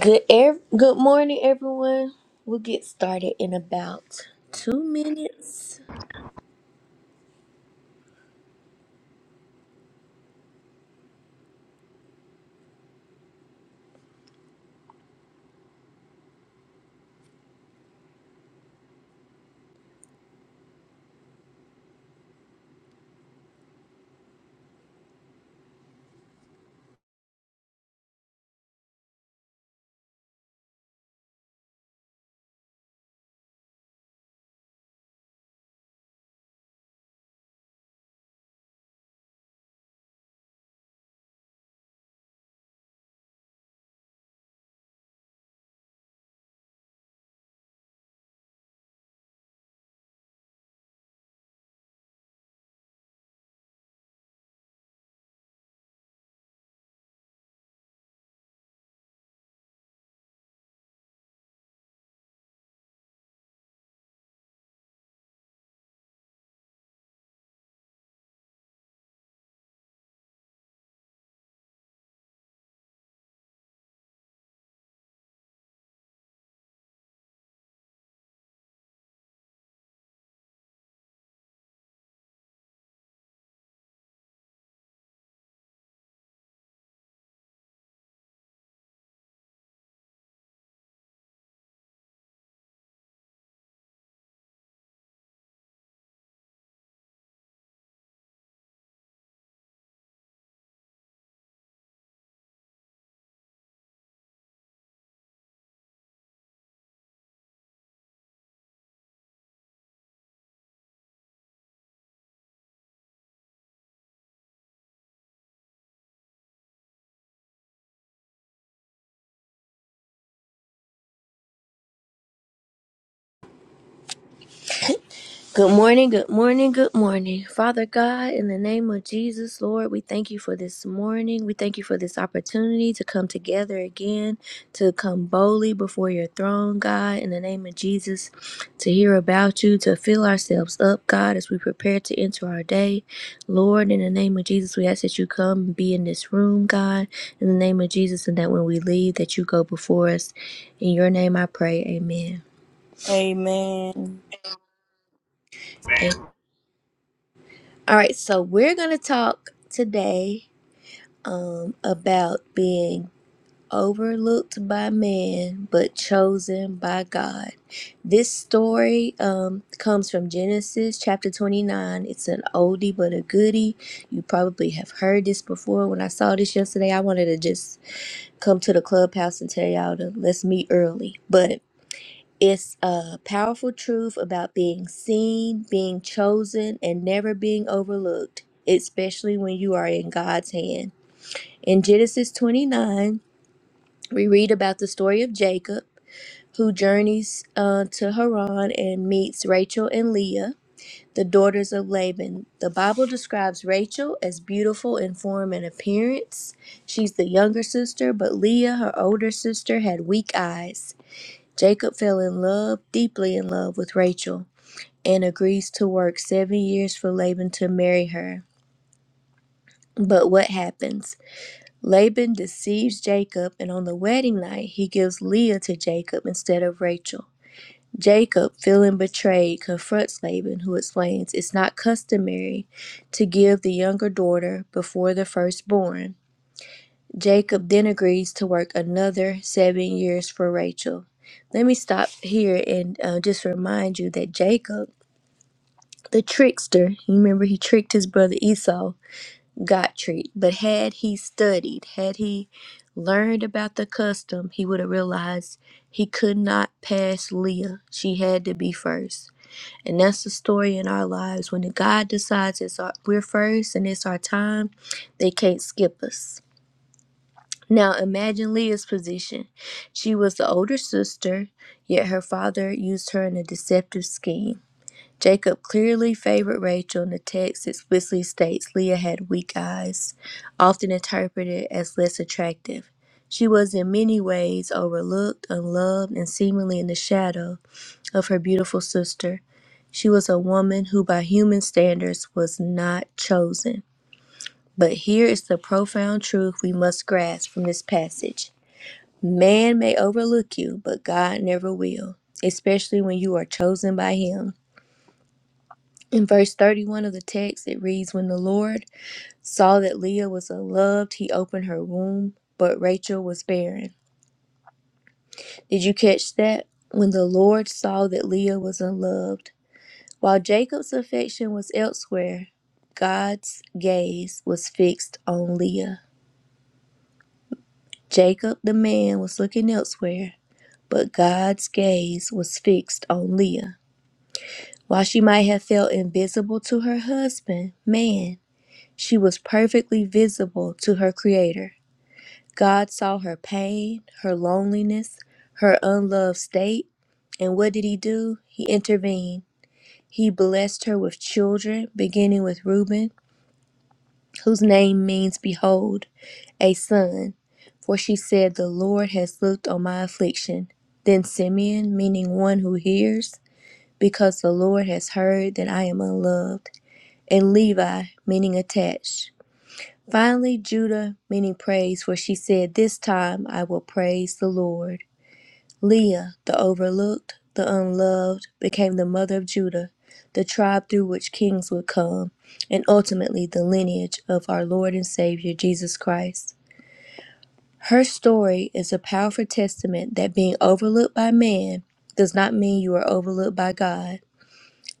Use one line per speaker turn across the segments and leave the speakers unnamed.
Good ev- good morning everyone. We'll get started in about 2 minutes. Good morning, good morning, good morning. Father God, in the name of Jesus, Lord, we thank you for this morning. We thank you for this opportunity to come together again, to come boldly before your throne, God, in the name of Jesus, to hear about you, to fill ourselves up, God, as we prepare to enter our day. Lord, in the name of Jesus, we ask that you come and be in this room, God, in the name of Jesus, and that when we leave, that you go before us. In your name I pray, amen.
Amen.
All right, so we're going to talk today um, about being overlooked by man but chosen by God. This story um, comes from Genesis chapter 29. It's an oldie but a goodie. You probably have heard this before. When I saw this yesterday, I wanted to just come to the clubhouse and tell y'all to let's meet early. But it's a powerful truth about being seen, being chosen, and never being overlooked, especially when you are in God's hand. In Genesis 29, we read about the story of Jacob, who journeys uh, to Haran and meets Rachel and Leah, the daughters of Laban. The Bible describes Rachel as beautiful in form and appearance. She's the younger sister, but Leah, her older sister, had weak eyes. Jacob fell in love, deeply in love with Rachel, and agrees to work seven years for Laban to marry her. But what happens? Laban deceives Jacob, and on the wedding night, he gives Leah to Jacob instead of Rachel. Jacob, feeling betrayed, confronts Laban, who explains it's not customary to give the younger daughter before the firstborn. Jacob then agrees to work another seven years for Rachel. Let me stop here and uh, just remind you that Jacob, the trickster, you remember he tricked his brother Esau, got tricked. But had he studied, had he learned about the custom, he would have realized he could not pass Leah. She had to be first. And that's the story in our lives. When God decides it's our, we're first and it's our time, they can't skip us now imagine Leah's position. She was the older sister, yet her father used her in a deceptive scheme. Jacob clearly favored Rachel, and the text explicitly states Leah had weak eyes, often interpreted as less attractive. She was in many ways overlooked, unloved, and seemingly in the shadow of her beautiful sister. She was a woman who, by human standards, was not chosen. But here is the profound truth we must grasp from this passage. Man may overlook you, but God never will, especially when you are chosen by Him. In verse 31 of the text, it reads When the Lord saw that Leah was unloved, he opened her womb, but Rachel was barren. Did you catch that? When the Lord saw that Leah was unloved. While Jacob's affection was elsewhere, God's gaze was fixed on Leah. Jacob, the man, was looking elsewhere, but God's gaze was fixed on Leah. While she might have felt invisible to her husband, man, she was perfectly visible to her Creator. God saw her pain, her loneliness, her unloved state, and what did He do? He intervened. He blessed her with children, beginning with Reuben, whose name means behold, a son. For she said, The Lord has looked on my affliction. Then Simeon, meaning one who hears, because the Lord has heard that I am unloved and Levi, meaning attached. Finally, Judah, meaning praise, for she said, This time I will praise the Lord. Leah, the overlooked, the unloved, became the mother of Judah, the tribe through which kings would come, and ultimately the lineage of our Lord and Savior Jesus Christ. Her story is a powerful testament that being overlooked by man does not mean you are overlooked by God.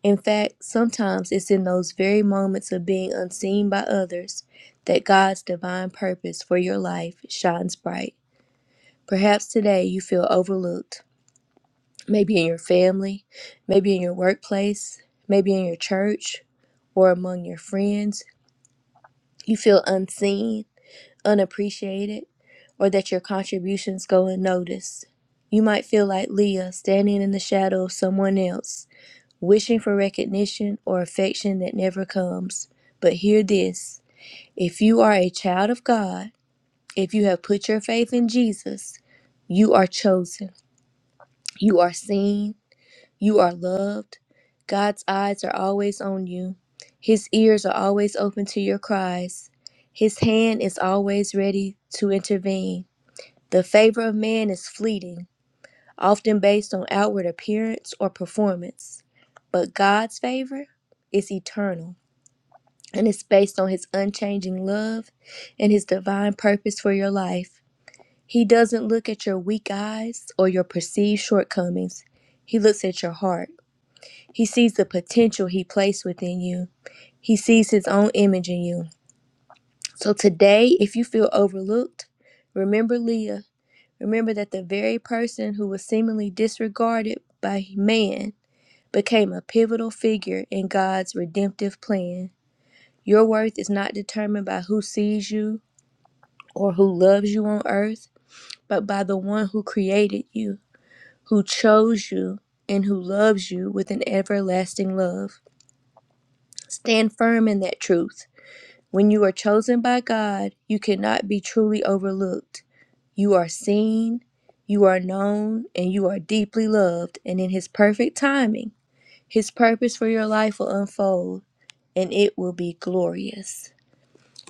In fact, sometimes it's in those very moments of being unseen by others that God's divine purpose for your life shines bright. Perhaps today you feel overlooked, maybe in your family, maybe in your workplace, maybe in your church, or among your friends. You feel unseen, unappreciated, or that your contributions go unnoticed. You might feel like Leah standing in the shadow of someone else wishing for recognition or affection that never comes. But hear this if you are a child of God, if you have put your faith in Jesus, you are chosen, you are seen, you are loved. God's eyes are always on you, His ears are always open to your cries, His hand is always ready to intervene. The favor of man is fleeting often based on outward appearance or performance. But God's favor is eternal and it's based on his unchanging love and his divine purpose for your life. He doesn't look at your weak eyes or your perceived shortcomings. He looks at your heart. He sees the potential he placed within you. He sees his own image in you. So today, if you feel overlooked, remember Leah. Remember that the very person who was seemingly disregarded by man became a pivotal figure in God's redemptive plan. Your worth is not determined by who sees you or who loves you on earth, but by the one who created you, who chose you, and who loves you with an everlasting love. Stand firm in that truth. When you are chosen by God, you cannot be truly overlooked. You are seen, you are known, and you are deeply loved, and in His perfect timing. His purpose for your life will unfold and it will be glorious.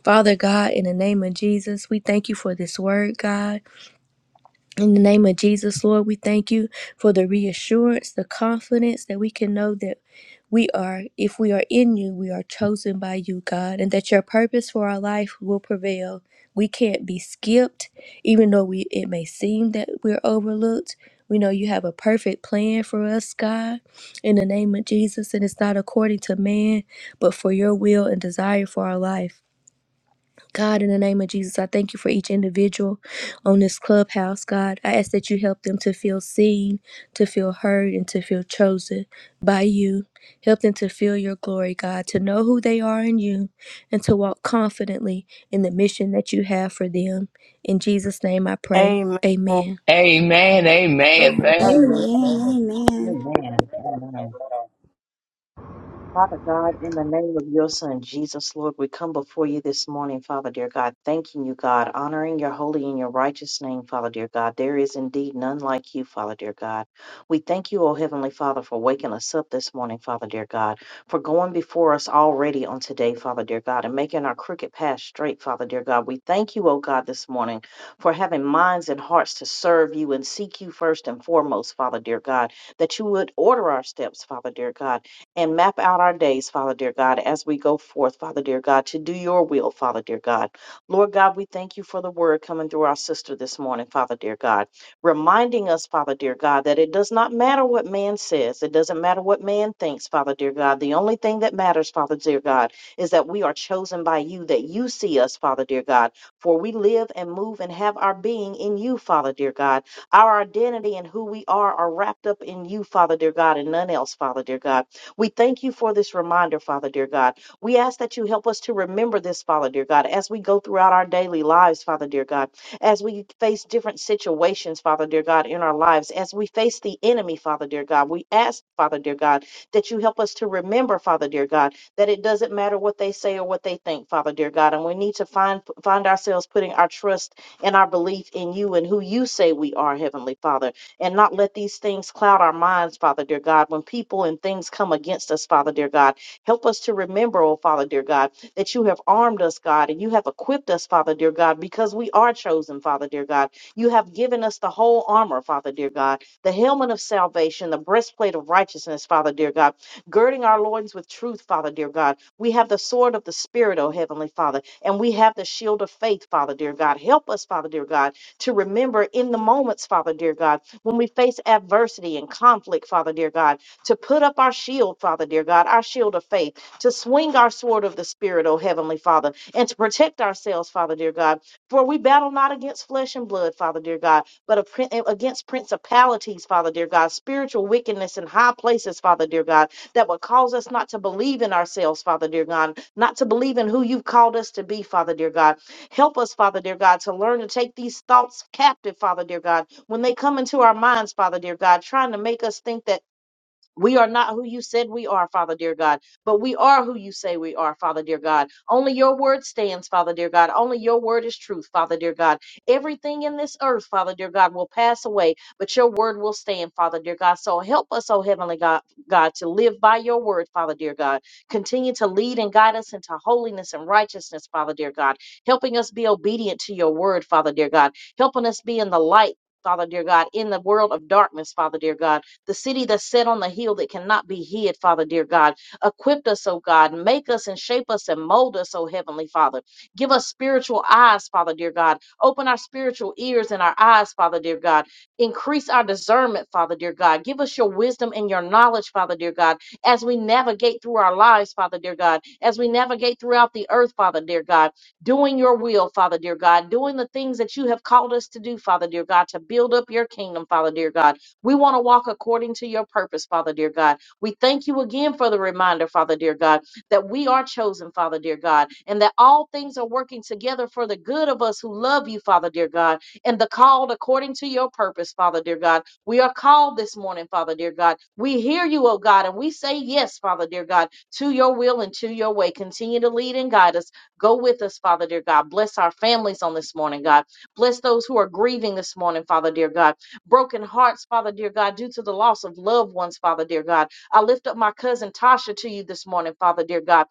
Father God, in the name of Jesus, we thank you for this word, God. In the name of Jesus, Lord, we thank you for the reassurance, the confidence that we can know that we are, if we are in you, we are chosen by you, God, and that your purpose for our life will prevail. We can't be skipped, even though we it may seem that we're overlooked. We know you have a perfect plan for us, God, in the name of Jesus, and it's not according to man, but for your will and desire for our life. God, in the name of Jesus, I thank you for each individual on this clubhouse, God. I ask that you help them to feel seen, to feel heard, and to feel chosen by you. Help them to feel your glory, God, to know who they are in you, and to walk confidently in the mission that you have for them. In Jesus' name I pray.
Amen.
Amen.
Amen, amen, thank,
Amen.
Amen.
Amen.
Amen. Amen. Father God, in the name of your Son, Jesus, Lord, we come before you this morning, Father, dear God, thanking you, God, honoring your holy and your righteous name, Father, dear God. There is indeed none like you, Father, dear God. We thank you, O Heavenly Father, for waking us up this morning, Father, dear God, for going before us already on today, Father, dear God, and making our crooked path straight, Father, dear God. We thank you, O God, this morning for having minds and hearts to serve you and seek you first and foremost, Father, dear God, that you would order our steps, Father, dear God and map out our days, Father dear God, as we go forth, Father dear God, to do your will, Father dear God. Lord God, we thank you for the word coming through our sister this morning, Father dear God, reminding us, Father dear God, that it does not matter what man says, it doesn't matter what man thinks, Father dear God. The only thing that matters, Father dear God, is that we are chosen by you, that you see us, Father dear God, for we live and move and have our being in you, Father dear God. Our identity and who we are are wrapped up in you, Father dear God, and none else, Father dear God. We thank you for this reminder, Father dear God. We ask that you help us to remember this, Father dear God, as we go throughout our daily lives, Father dear God, as we face different situations, Father dear God, in our lives, as we face the enemy, Father dear God. We ask, Father dear God, that you help us to remember, Father dear God, that it doesn't matter what they say or what they think, Father dear God, and we need to find find ourselves putting our trust and our belief in you and who you say we are, Heavenly Father and not let these things cloud our minds, Father dear God. When people and things come against us, Father dear God, help us to remember, oh Father dear God, that you have armed us, God, and you have equipped us, Father dear God, because we are chosen, Father dear God. You have given us the whole armor, Father dear God, the helmet of salvation, the breastplate of righteousness, Father dear God, girding our loins with truth, Father dear God. We have the sword of the Spirit, O Heavenly Father, and we have the shield of faith, Father dear God. Help us, Father dear God, to remember in the moments, Father dear God when we face adversity and conflict, Father dear God, to put up our shield, Father dear God, our shield of faith, to swing our sword of the Spirit, O Heavenly Father, and to protect ourselves, Father dear God. For we battle not against flesh and blood, Father dear God, but a prin- eh, against principalities, Father dear God, spiritual wickedness in high places, Father dear God, that would cause us not to believe in ourselves, Father dear God, not to believe in who you've called us to be, Father dear God Help us, Father dear God, to learn to take these thoughts captive, Father dear God, when they come into our minds, Father dear God, trying to make us think that we are not who you said we are, Father dear God, but we are who you say we are, Father dear God. Only your word stands, Father dear God. Only your word is truth, Father dear God. Everything in this earth, Father dear God, will pass away, but your word will stand, Father dear God. So help us, oh heavenly God, God, to live by your word, Father dear God. Continue to lead and guide us into holiness and righteousness, Father dear God. Helping us be obedient to your word, Father dear God. Helping us be in the light. Father, dear God, in the world of darkness, Father, dear God the city that's set on the hill that cannot be hid, Father dear God. Equip us, oh God. Make us and shape us and mold us, oh Heavenly Father. Give us spiritual eyes, Father dear God. Open our spiritual ears and our eyes, Father dear God. Increase our discernment, Father dear God. Give us your wisdom and your knowledge, Father dear God, as we navigate through our lives, Father dear God, as we navigate throughout the earth, Father dear God doing your will, Father, dear God, doing the things that you have called us to do, Father, dear God, to build up your kingdom, Father, dear God. We want to walk according to your purpose, Father, dear God. We thank you again for the reminder, Father, dear God, that we are chosen, Father, dear God, and that all things are working together for the good of us who love you, Father, dear God, and the called according to your purpose, Father, dear God. We are called this morning, Father, dear God. We hear you, oh God, and we say yes, Father, dear God, to your will and to your way. Continue to lead and guide us. Go with us, Father, dear God. Bless our families on this morning, God. Bless those who are grieving this morning, Father, dear God broken hearts, Father, dear God, due to the loss of loved ones, Father, dear God. I lift up my cousin Tasha to you this morning, Father, dear God.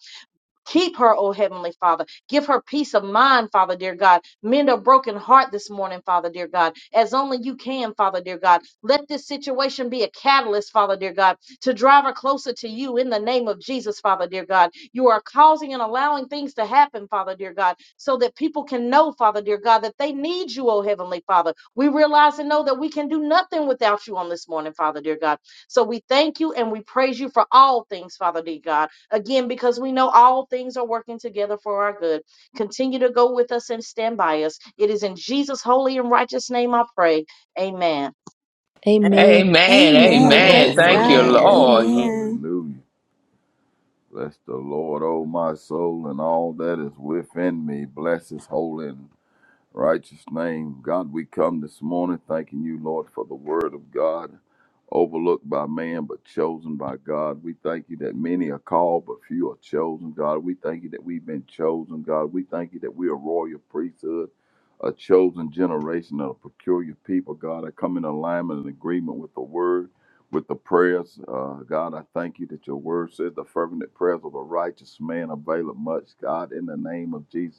Keep her, oh Heavenly Father. Give her peace of mind, Father, dear God. Mend her broken heart this morning, Father, dear God, as only you can, Father, dear God. Let this situation be a catalyst, Father, dear God, to drive her closer to you in the name of Jesus, Father, dear God. You are causing and allowing things to happen, Father, dear God, so that people can know, Father, dear God, that they need you, oh Heavenly Father. We realize and know that we can do nothing without you on this morning, Father, dear God. So we thank you and we praise you for all things, Father, dear God. Again, because we know all things are working together for our good. Continue to go with us and stand by us. It is in Jesus' holy and righteous name I pray. Amen.
Amen.
amen,
Amen.
Amen.
amen.
Amen.
Praise
Thank
Praise
you,
the
God.
Amen.
Lord.
Lord.
Amen,
Amen.
Hallelujah. Bless the Lord, O my soul, and all that is within me. Bless his holy righteous name. God, we come this morning thanking you, Lord, for the word of God, overlooked by man but chosen by God. We thank you that many are called but few are chosen, God. We thank you that we've been chosen, God. We thank you that we are royal priesthood, a chosen generation of a peculiar people, God. I come in alignment and agreement with the word. With the prayers, uh, God, I thank you that your word says the fervent prayers of a righteous man availeth much, God, in the name of Jesus.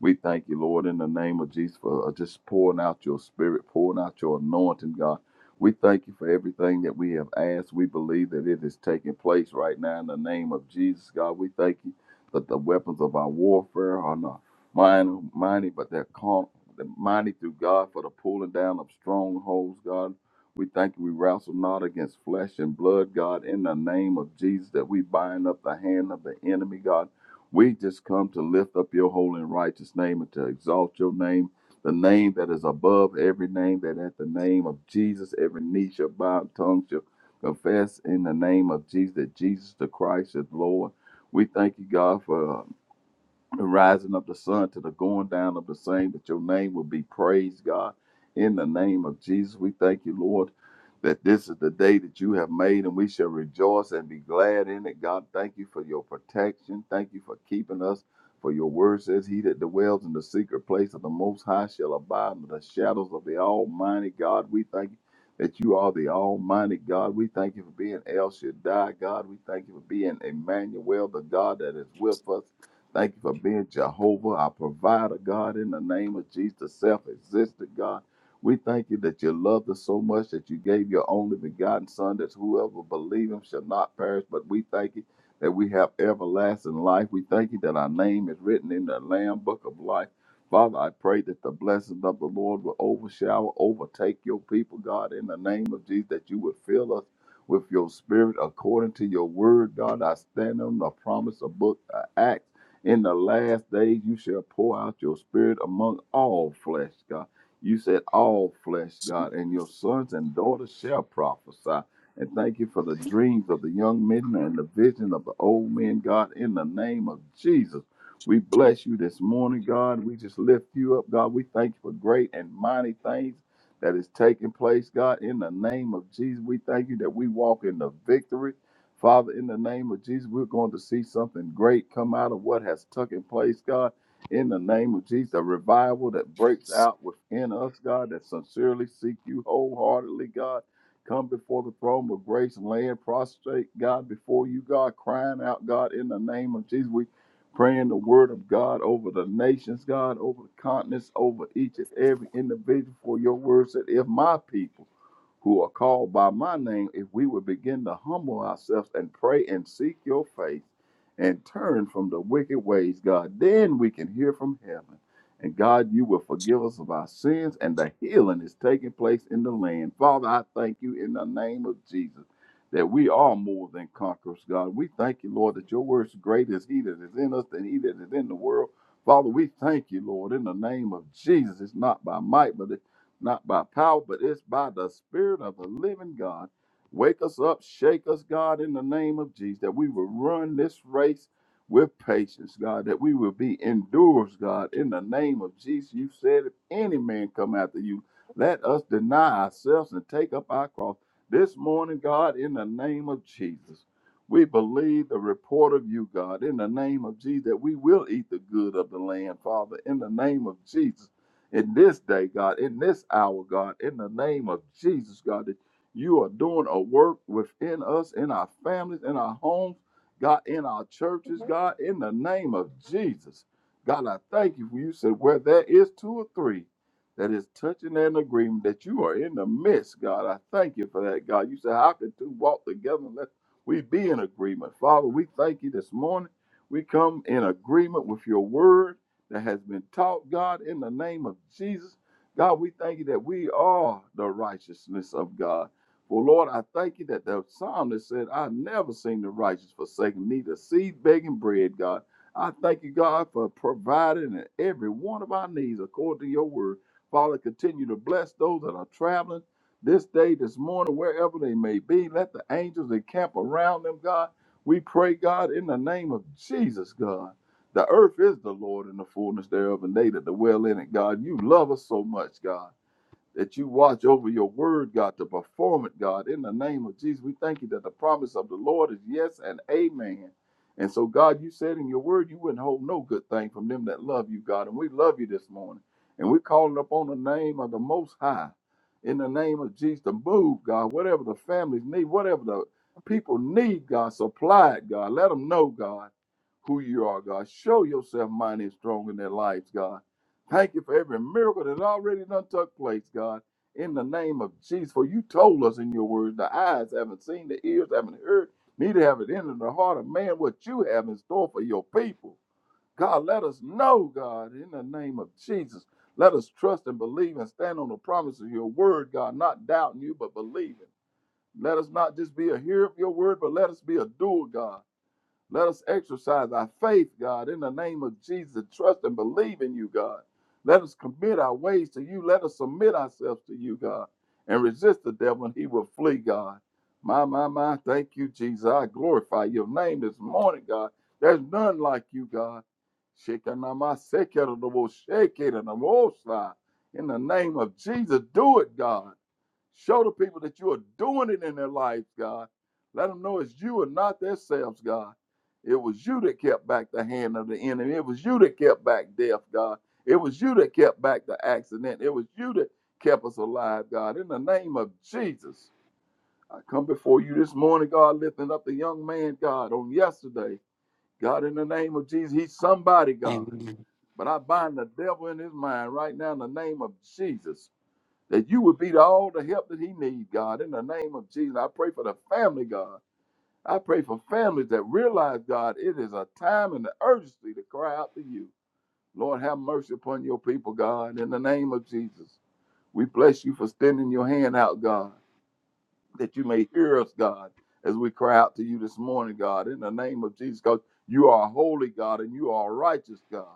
We thank you, Lord, in the name of Jesus, for uh, just pouring out your spirit, pouring out your anointing, God. We thank you for everything that we have asked. We believe that it is taking place right now in the name of Jesus, God. We thank you that the weapons of our warfare are not minor, mighty, but they're con- they're mighty through God for the pulling down of strongholds, God. We thank you. We wrestle not against flesh and blood, God, in the name of Jesus, that we bind up the hand of the enemy, God. We just come to lift up your holy and righteous name and to exalt your name, the name that is above every name, that at the name of Jesus, every knee shall bow, tongue shall confess in the name of Jesus that Jesus the Christ is Lord. We thank you, God, for the rising of the sun to the going down of the same, that your name will be praised, God. In the name of Jesus, we thank you, Lord, that this is the day that you have made and we shall rejoice and be glad in it. God, thank you for your protection. Thank you for keeping us. For your word says, He that dwells in the secret place of the Most High shall abide in the shadows of the Almighty God. We thank you that you are the Almighty God. We thank you for being El Shaddai, God. We thank you for being Emmanuel, the God that is with us. Thank you for being Jehovah, our provider, God, in the name of Jesus, self existent God. We thank you that you loved us so much that you gave your only begotten Son, that whoever believes him shall not perish. But we thank you that we have everlasting life. We thank you that our name is written in the Lamb Book of Life. Father, I pray that the blessings of the Lord will overshadow, overtake your people, God, in the name of Jesus, that you would fill us with your spirit according to your word, God. I stand on the promise of book, uh, Acts. In the last days, you shall pour out your spirit among all flesh, God. You said all flesh, God, and your sons and daughters shall prophesy. And thank you for the dreams of the young men and the vision of the old men, God, in the name of Jesus. We bless you this morning, God. We just lift you up, God. We thank you for great and mighty things that is taking place, God, in the name of Jesus. We thank you that we walk in the victory. Father, in the name of Jesus, we're going to see something great come out of what has taken place, God. In the name of Jesus, the revival that breaks out within us, God, that sincerely seek you wholeheartedly, God. Come before the throne of grace and laying prostrate, God, before you, God, crying out, God, in the name of Jesus. We praying the word of God over the nations, God, over the continents, over each and every individual for your word said, if my people who are called by my name, if we would begin to humble ourselves and pray and seek your face and turn from the wicked ways, God, then we can hear from heaven. And God, you will forgive us of our sins, and the healing is taking place in the land. Father, I thank you in the name of Jesus that we are more than conquerors, God. We thank you, Lord, that your word is great as he that is in us than he that is in the world. Father, we thank you, Lord, in the name of Jesus. It's not by might, but not by power, but it's by the Spirit of the living God. Wake us up, shake us, God, in the name of Jesus, that we will run this race with patience, God, that we will be endurers, God, in the name of Jesus. You said, if any man come after you, let us deny ourselves and take up our cross. This morning, God, in the name of Jesus, we believe the report of you, God, in the name of Jesus, that we will eat the good of the land, Father, in the name of Jesus in this day, God, in this hour, God, in the name of Jesus, God, that you are doing a work within us, in our families, in our homes, God, in our churches, God, in the name of Jesus. God, I thank you for you said where there is two or three that is touching an agreement that you are in the midst, God. I thank you for that, God. You said, How can two walk together unless we be in agreement? Father, we thank you this morning. We come in agreement with your word that has been taught, God, in the name of Jesus. God, we thank you that we are the righteousness of God. For Lord, I thank you that the psalmist said, I never seen the righteous forsaken, neither seed begging bread, God. I thank you, God, for providing in every one of our needs according to your word. Father, continue to bless those that are traveling this day, this morning, wherever they may be. Let the angels encamp around them, God. We pray, God, in the name of Jesus, God. The earth is the Lord and the fullness thereof, and they that dwell in it, God. You love us so much, God, that you watch over your word, God, to perform it, God. In the name of Jesus, we thank you that the promise of the Lord is yes and amen. And so, God, you said in your word you wouldn't hold no good thing from them that love you, God. And we love you this morning. And we're calling upon the name of the Most High in the name of Jesus to move, God. Whatever the families need, whatever the people need, God, supply it, God. Let them know, God who you are, God. Show yourself mighty and strong in their lives, God. Thank you for every miracle that already done took place, God. In the name of Jesus, for you told us in your word, the eyes haven't seen, the ears haven't heard, neither have it entered the heart of man what you have in store for your people. God, let us know, God, in the name of Jesus. Let us trust and believe and stand on the promise of your word, God, not doubting you, but believing. Let us not just be a hearer of your word, but let us be a doer, God. Let us exercise our faith, God, in the name of Jesus. Trust and believe in you, God. Let us commit our ways to you. Let us submit ourselves to you, God, and resist the devil, and he will flee, God. My, my, my. Thank you, Jesus. I glorify your name this morning, God. There's none like you, God. Shekinah-ma-sekinah-wo-shekinah-wo-sah. In the name of Jesus, do it, God. Show the people that you are doing it in their lives, God. Let them know it's you and not themselves, God. It was you that kept back the hand of the enemy. It was you that kept back death, God. It was you that kept back the accident. It was you that kept us alive, God. In the name of Jesus, I come before you this morning, God, lifting up the young man, God, on yesterday. God, in the name of Jesus, he's somebody, God.
Amen.
But I bind the devil in his mind right now in the name of Jesus that you would be to all the help that he needs, God. In the name of Jesus, I pray for the family, God. I pray for families that realize, God, it is a time and the urgency to cry out to you. Lord, have mercy upon your people, God. In the name of Jesus, we bless you for extending your hand out, God, that you may hear us, God, as we cry out to you this morning, God. In the name of Jesus, God, you are holy, God, and you are righteous, God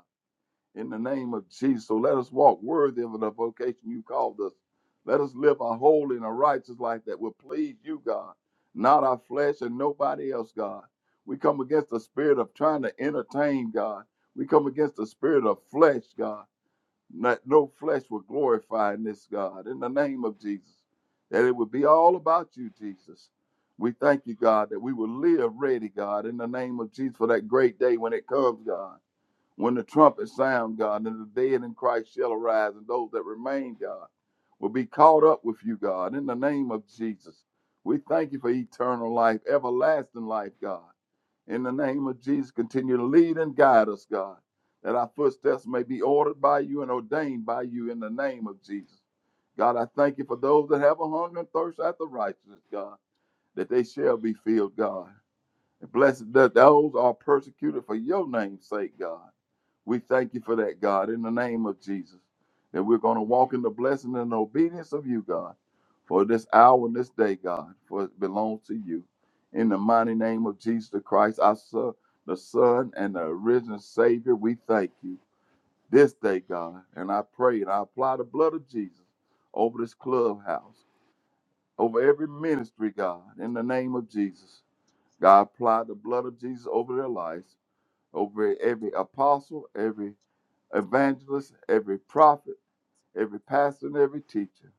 in the name of Jesus. So let us walk worthy of the vocation you called us. Let us live a holy and a righteous life that will please you, God, not our flesh and nobody else, God. We come against the spirit of trying to entertain, God. We come against the spirit of flesh, God. That no flesh will glorify in this, God, in the name of Jesus. That it would be all about you, Jesus. We thank you, God, that we will live ready, God, in the name of Jesus for that great day when it comes, God. When the trumpet sound, God, and the dead in Christ shall arise, and those that remain, God, will be caught up with you, God, in the name of Jesus. We thank you for eternal life, everlasting life, God. In the name of Jesus, continue to lead and guide us, God, that our footsteps may be ordered by you and ordained by you in the name of Jesus. God, I thank you for those that have a hunger and thirst after righteousness, God, that they shall be filled, God. And blessed that those are persecuted for your name's sake, God. We thank you for that, God, in the name of Jesus, that we're going to walk in the blessing and obedience of you, God, for this hour and this day, God, for it belongs to you. In the mighty name of Jesus the Christ, our Son, the Son and the risen Savior, we thank you this day, God. And I pray and I apply the blood of Jesus over this clubhouse, over every ministry, God, in the name of Jesus. God, apply the blood of Jesus over their lives, over every apostle, every evangelist, every prophet, every pastor, and every teacher,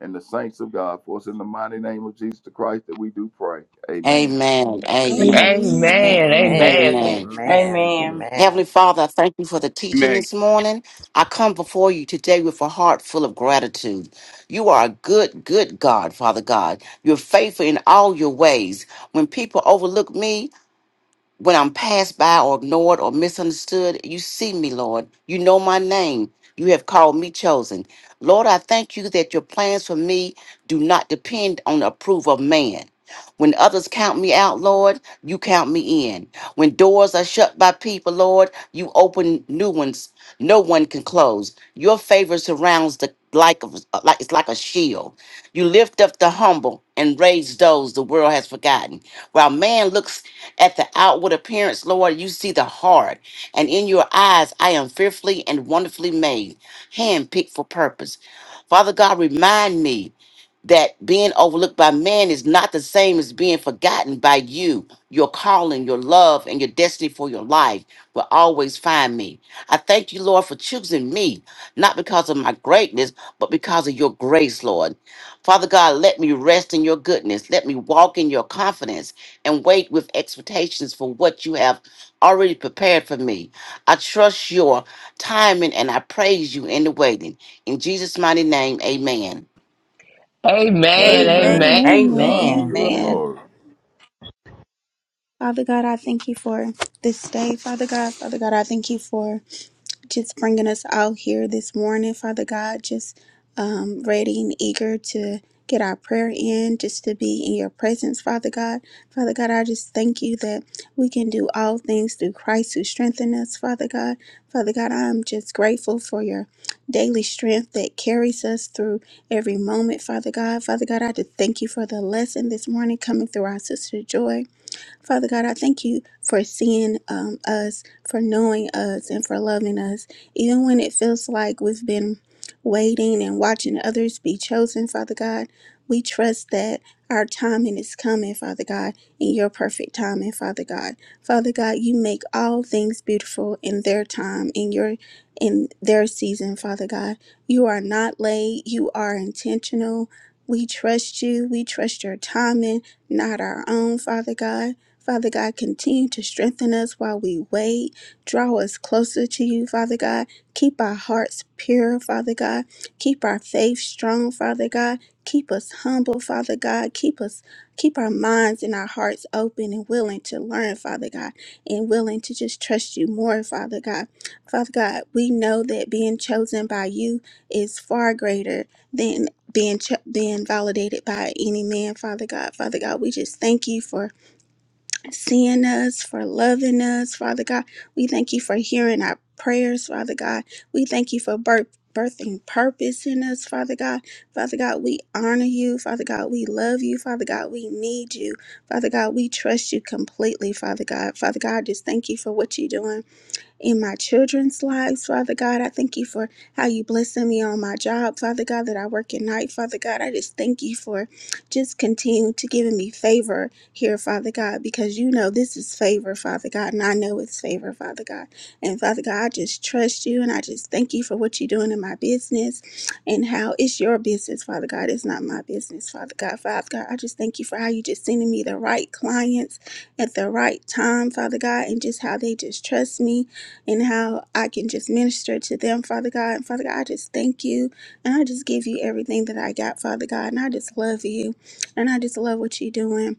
and the saints of God. For it's in the mighty name of Jesus the Christ that we do pray. Amen.
Amen.
Amen.
Amen.
Amen.
Amen.
amen,
Amen.
Amen.
Amen.
Amen.
Amen.
Heavenly
Amen.
Father, I thank you for the teaching
Amen.
this morning. I come before you today with a heart full of gratitude. You are a good, good God, Father God. You're faithful in all your ways. When people overlook me, when I'm passed by or ignored or misunderstood, you see me, Lord. You know my name. You have called me chosen. Lord, I thank you that your plans for me do not depend on the approval of man. When others count me out, Lord, you count me in. When doors are shut by people, Lord, you open new ones no one can close. Your favor surrounds the like of uh, like it's like a shield. You lift up the humble and raise those the world has forgotten. While man looks at the outward appearance, Lord, you see the heart, and in your eyes, I am fearfully and wonderfully made, handpicked for purpose. Father God, remind me that being overlooked by man is not the same as being forgotten by you. Your calling, your love, and your destiny for your life will always find me. I thank you, Lord, for choosing me, not because of my greatness, but because of your grace, Lord. Father God, let me rest in your goodness. Let me walk in your confidence and wait with expectations for what you have already prepared for me. I trust your timing and I praise you in the waiting. In Jesus' mighty name, amen.
amen,
Amen.
Amen.
amen,
To
Amen.
God be
Amen.
the
Lord.
Amen.
Amen.
glory.
Father God, I thank you for this day. Father God, Father God, I thank you for just bringing us out here this morning, Father God, just um, ready and eager to get our prayer in, just to be in your presence, Father God. Father God, I just thank you that we can do all things through Christ who strengthen us, Father God. Father God, I'm just grateful for your daily strength that carries us through every moment, Father God. Father God, I just thank you for the lesson this morning coming through our sister Joy. Father God, I thank you for seeing um, us, for knowing us, and for loving us. Even when it feels like we've been waiting and watching others be chosen, Father God, we trust that our timing is coming, Father God, in your perfect timing, Father God. Father God, you make all things beautiful in their time, in your in their season, Father God. You are not late, you are intentional. We trust you. We trust your timing, not our own, Father God. Father God, continue to strengthen us while we wait. Draw us closer to you, Father God. Keep our hearts pure, Father God. Keep our faith strong, Father God. Keep us humble, Father God. Keep us keep our minds and our hearts open and willing to learn, Father God, and willing to just trust you more, Father God. Father God, we know that being chosen by you is far greater than being cho- being validated by any man, Father God. Father God, we just thank you for seeing us, for loving us, Father God. We thank you for hearing our prayers, Father God. We thank you for birth. Birthing purpose in us, Father God. Father God, we honor you. Father God, we love you. Father God, we need you. Father God, we trust you completely, Father God. Father God, just thank you for what you're doing in my children's lives, Father God. I thank you for how you blessing me on my job, Father God, that I work at night, Father God. I just thank you for just continue to giving me favor here, Father God, because you know this is favor, Father God, and I know it's favor, Father God. And Father God, I just trust you and I just thank you for what you're doing in my business and how it's your business, Father God. It's not my business, Father God. Father God, I just thank you for how you just sending me the right clients at the right time, Father God, and just how they just trust me and how I can just minister to them, Father God. And Father God, I just thank you and I just give you everything that I got, Father God. And I just love you and I just love what you're doing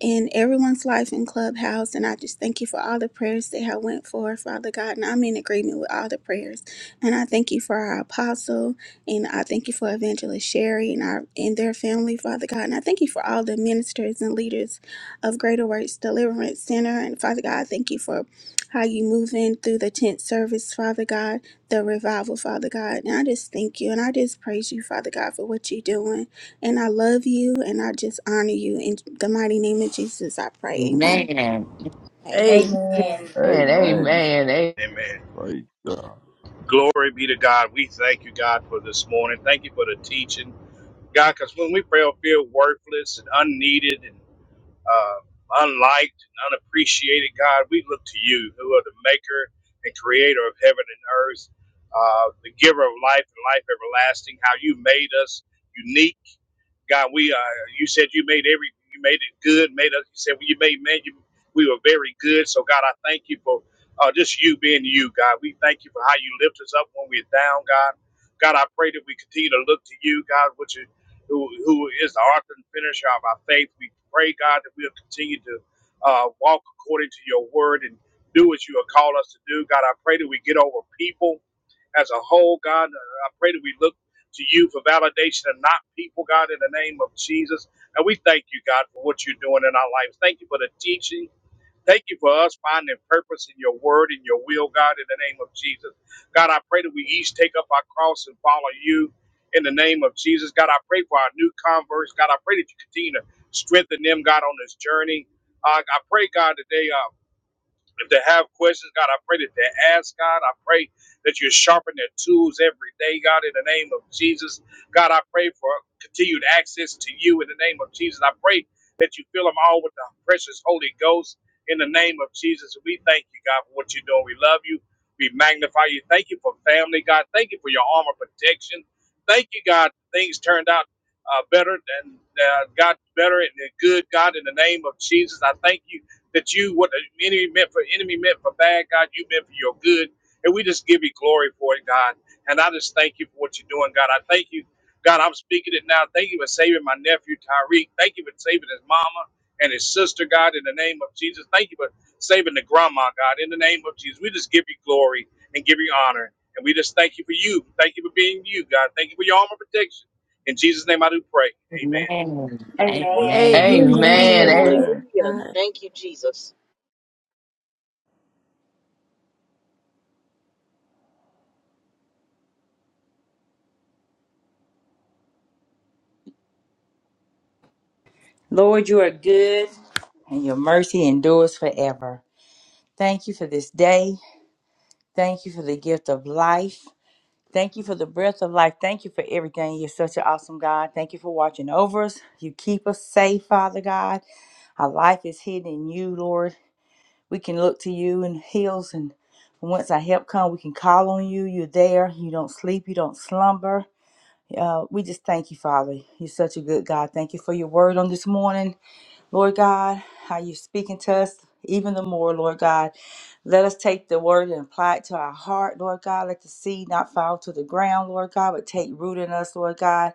in everyone's life in Clubhouse. And I just thank you for all the prayers that have went forth, Father God. And I'm in agreement with all the prayers. And I thank you for our apostle, and I thank you for Evangelist Sherry and our and their family, Father God. And I thank you for all the ministers and leaders of Greater Works Deliverance Center. And Father God, I thank you for how you move in through the tent service, Father God, the revival, Father God. And I just thank you and I just praise you, Father God, for what you're doing. And I love you and I just honor you. In the mighty name of Jesus, I pray. Amen.
Amen.
Amen.
Amen.
Amen.
Amen.
Amen.
amen,
Amen.
Praise God.
Glory be to God. We thank you, God, for this morning. Thank you for the teaching, God, because when we pray, we feel worthless and unneeded and uh, unliked and unappreciated, God, we look to you, who are the maker and creator of heaven and earth, uh, the giver of life and life everlasting, how you made us unique God, we uh, you said you made every you made it good, made us. You said well, you made man, you, we were very good. So God, I thank you for uh, just you being you, God. We thank you for how you lift us up when we're down, God. God, I pray that we continue to look to you, God, which is who who is the author and finisher of our faith. We pray, God, that we'll continue to uh, walk according to your word and do what you have called us to do. God, I pray that we get over people as a whole, God. Uh, I pray that we look to you for validation and not people, God, in the name of Jesus. And we thank you, God, for what you're doing in our lives. Thank you for the teaching. Thank you for us finding purpose in your word and your will, God, in the name of Jesus. God, I pray that we each take up our cross and follow you in the name of Jesus. God, I pray for our new converts. God, I pray that you continue to strengthen them, God, on this journey. Uh, I pray, God, that today. uh, if they have questions, God, I pray that they ask, God. I pray that you sharpen their tools every day, God, in the name of Jesus. God, I pray for continued access to you in the name of Jesus. I pray that you fill them all with the precious Holy Ghost in the name of Jesus. We thank you, God, for what you're doing. We love you. We magnify you. Thank you for family, God. Thank you for your armor protection. Thank you, God. Things turned out uh, better and uh, got better and good, God, in the name of Jesus. I thank you that you what the enemy meant for enemy meant for bad, God, you meant for your good. And we just give you glory for it, God. And I just thank you for what you're doing, God. I thank you, God. I'm speaking it now. Thank you for saving my nephew Tyreek. Thank you for saving his mama and his sister, God, in the name of Jesus. Thank you for saving the grandma, God, in the name of Jesus. We just give you glory and give you honor. And we just thank you for you. Thank you for being you, God. Thank you for your armor protection. In Jesus' name I do pray. Amen.
Amen.
Amen.
amen,
Amen.
Amen.
Hallelujah.
Amen.
amen,
Praise
Amen.
God.
Thank you, Jesus.
Lord, you are good and your mercy endures forever. Thank you for this day. Thank you for the gift of life. Thank you for the breath of life. Thank you for everything. You're such an awesome God. Thank you for watching over us. You keep us safe, Father God. Our life is hidden in you, Lord. We can look to you in hills and once our help come, we can call on you. You're there. You don't sleep. You don't slumber. Uh, we just thank you, Father. You're such a good God. Thank you for your word on this morning, Lord God, how you're speaking to us even the more, Lord God. Let us take the word and apply it to our heart, Lord God. Let the seed not fall to the ground, Lord God, but take root in us, Lord God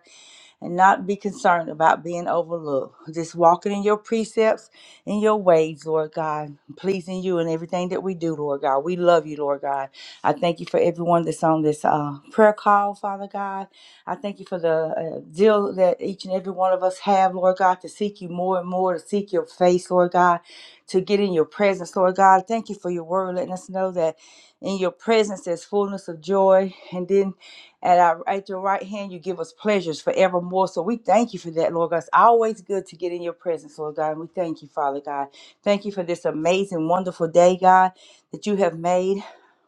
and not be concerned about being overlooked. Just walking in your precepts and your ways, Lord God, pleasing you in everything that we do, Lord God. We love you, Lord God. I thank you for everyone that's on this uh, prayer call, Father God. I thank you for the uh, deal that each and every one of us have, Lord God, to seek you more and more, to seek your face, Lord God, to get in your presence, Lord God. Thank you for your word, letting us know that in your presence there's fullness of joy. And then and At, our, at your right hand, you give us pleasures forevermore. So we thank you for that, Lord God. It's always good to get in your presence, Lord God. And we thank you, Father God. Thank you for this amazing, wonderful day, God, that you have made.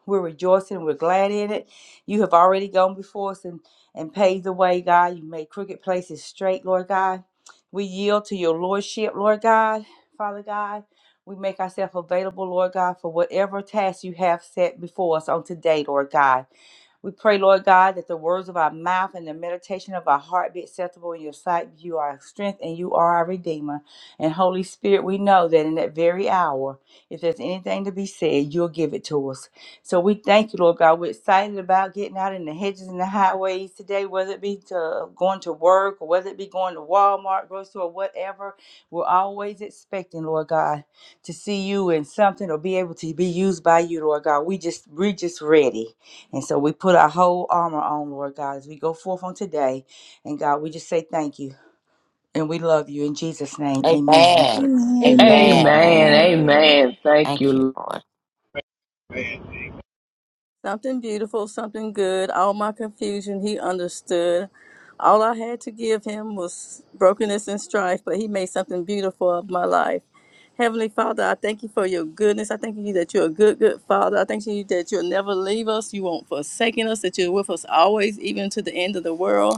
We're rejoicing. We're glad in it. You have already gone before us and, and paved the way, God. You made crooked places straight, Lord God. We yield to your lordship, Lord God, Father God. We make ourselves available, Lord God, for whatever task you have set before us on today, Lord God. We pray, Lord God, that the words of our mouth and the meditation of our heart be acceptable in your sight. You are our strength and you are our Redeemer. And Holy Spirit, we know that in that very hour, if there's anything to be said, you'll give it to us. So we thank you, Lord God. We're excited about getting out in the hedges and the highways today, whether it be to going to work or whether it be going to Walmart, grocery store, whatever. We're always expecting, Lord God, to see you in something or be able to be used by you, Lord God. We just we're just ready. And so we put our whole armor on, Lord God, as we go forth on today. And God, we just say thank you and we love you in Jesus' name. Amen.
Amen.
Amen.
Amen.
Amen.
Amen.
amen.
Amen.
Amen.
Amen, Thank
Thank you,
you,
Lord.
Something beautiful, something good. All my confusion, he understood. All I had to give him was brokenness and strife, but he made something beautiful of my life. Heavenly Father, I thank you for your goodness. I thank you that you're a good, good Father. I thank you that you'll never leave us. You won't forsake us, that you're with us always, even to the end of the world.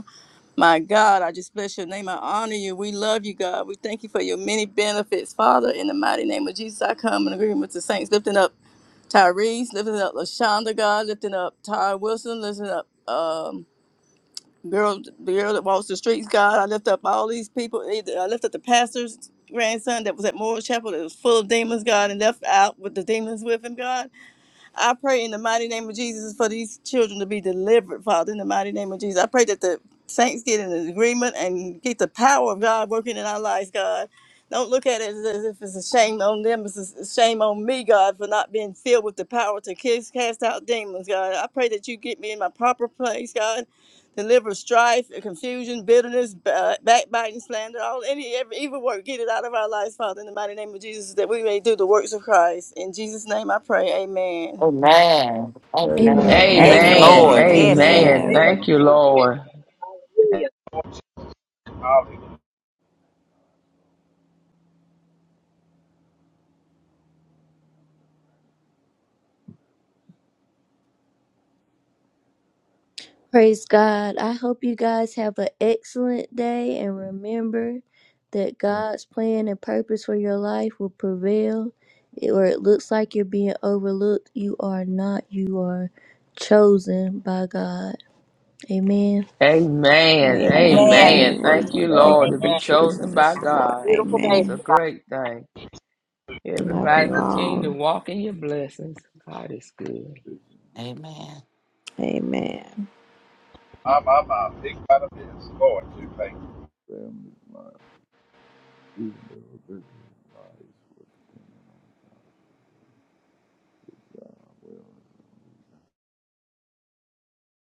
My God, I just bless your name. I honor you. We love you, God. We thank you for your many benefits. Father, in the mighty name of Jesus, I come in agreement with the saints, lifting up Tyrese, lifting up LaShonda, God, lifting up Ty Wilson, lifting up um, girl, the girl that walks the streets, God. I lift up all these people. I lift up the pastor's grandson that was at Moore Chapel that was full of demons, God, and left out with the demons with him, God. I pray in the mighty name of Jesus for these children to be delivered, Father, in the mighty name of Jesus. I pray that the saints get in agreement and get the power of God working in our lives, God. Don't look at it as as if it's a shame on them. It's a s- shame on me, God, for not being filled with the power to kiss, cast out demons, God. I pray that you get me in my proper place, God. Deliver strife, confusion, bitterness, ba- backbiting, slander, all any every evil work. Get it out of our lives, Father, in the mighty name of Jesus, that we may do the works of Christ. In Jesus' name I pray. Amen.
Amen.
Amen.
Amen.
Amen.
Amen.
Yes,
God,
amen,
Amen.
Lord.
Yes,
amen.
Amen.
Amen.
Amen.
Thank
amen.
you,
Amen.
Lord.
Hallelujah.
hallelujah.
Praise God. I hope you guys have an excellent day and remember that God's plan and purpose for your life will prevail. It- Or it looks like you're being overlooked. You are not. You are chosen by God. Amen.
Amen,
Amen.
Amen.
Amen.
amen.
Praise
Thank
Amen.
you,
God.
Thank
Lord,
you
to
for
Amen.
be
Amen.
Thank you,
chosen
choosing
Jesus.
by
us, Lord.
God.
Beautiful day.
It's a
Amen.
great thing.
Love
Everybody
you
continue
all.
to walk in your blessings. God is good.
This
Amen.
Amen.
My my my, big fan of his. Lord, we thank you.
family is mine. Even though this is life, what's the kingdom of God?